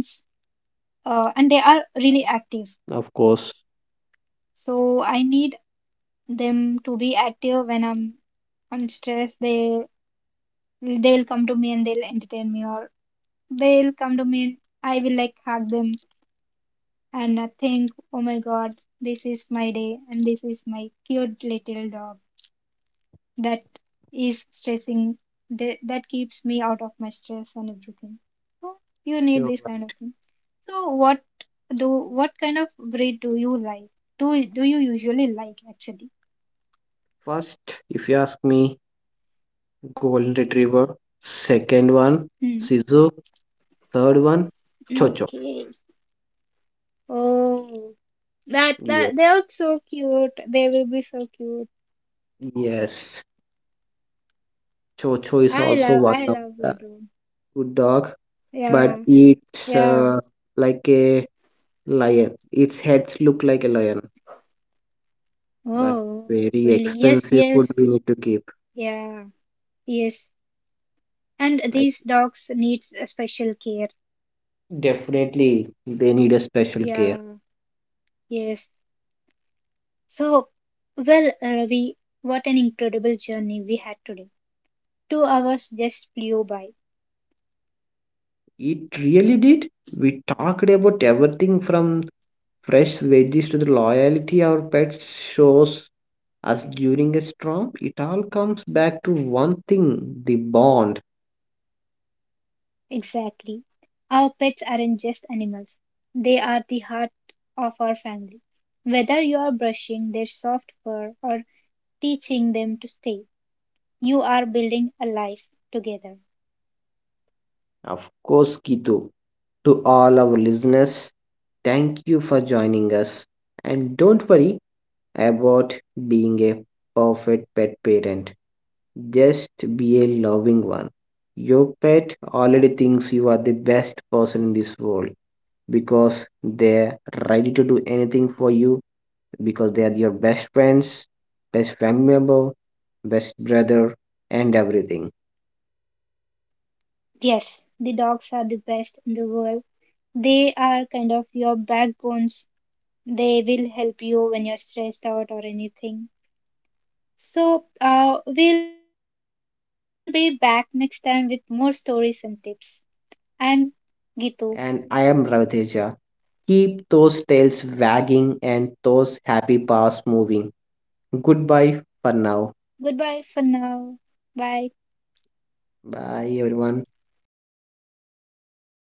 S2: and they are really active.
S1: of course.
S2: So I need them to be active when I'm on stress. They'll come to me and they'll entertain me, or they'll come to me and I will like hug them and think, oh my God, this is my day, and this is my cute little dog. That is stressing that keeps me out of my stress and everything. So you need
S1: You're
S2: this kind of
S1: right.
S2: thing. So what kind of breed do you like, do you usually like actually?
S1: First, if you ask me, Golden Retriever. Second one,
S2: Hmm.
S1: Sisu. Third one, Chocho.
S2: Okay. Oh, that that they
S1: Yes,
S2: look so cute, they will be so cute.
S1: yes. Chocho is
S2: i
S1: also
S2: love i
S1: one of
S2: love
S1: the
S2: Vodun.
S1: good dog, but
S2: Yeah.
S1: it's
S2: Yeah.
S1: like a lion. Its heads look like a lion, but
S2: Oh
S1: very
S2: really? Yes,
S1: expensive
S2: yes.
S1: food we need to keep.
S2: Yeah. Yes. And
S1: I
S2: these dogs needs a special care.
S1: definitely they need a special care.
S2: Yeah. Yes. So, well, Ravi, what an incredible journey we had today. 2 hours just flew by.
S1: It really did. We talked about everything from fresh veggies to the loyalty our pets shows us during a storm. It all comes back to one thing: the bond.
S2: Exactly. Our pets aren't just animals, they are the heart of our family. Whether you are brushing their soft fur or teaching them to stay, you are building a life together.
S1: Of course, Kitu. To all our listeners, thank you for joining us. And don't worry about being a perfect pet parent. Just be a loving one. Your pet already thinks you are the best person in this world because they're ready to do anything for you, because they are your best friends, best family member, best brother, and everything.
S2: Yes, the dogs are the best in the world. They are kind of your backbones. They will help you when you're stressed out or anything. So, we'll be back next time with more stories and tips. I'm Gitu.
S1: And I am Raviteja. Keep those tails wagging and those happy paws moving. Good bye for now.
S2: Goodbye for now. Bye.
S1: Bye everyone. నీయమ్మ అయిపోయింది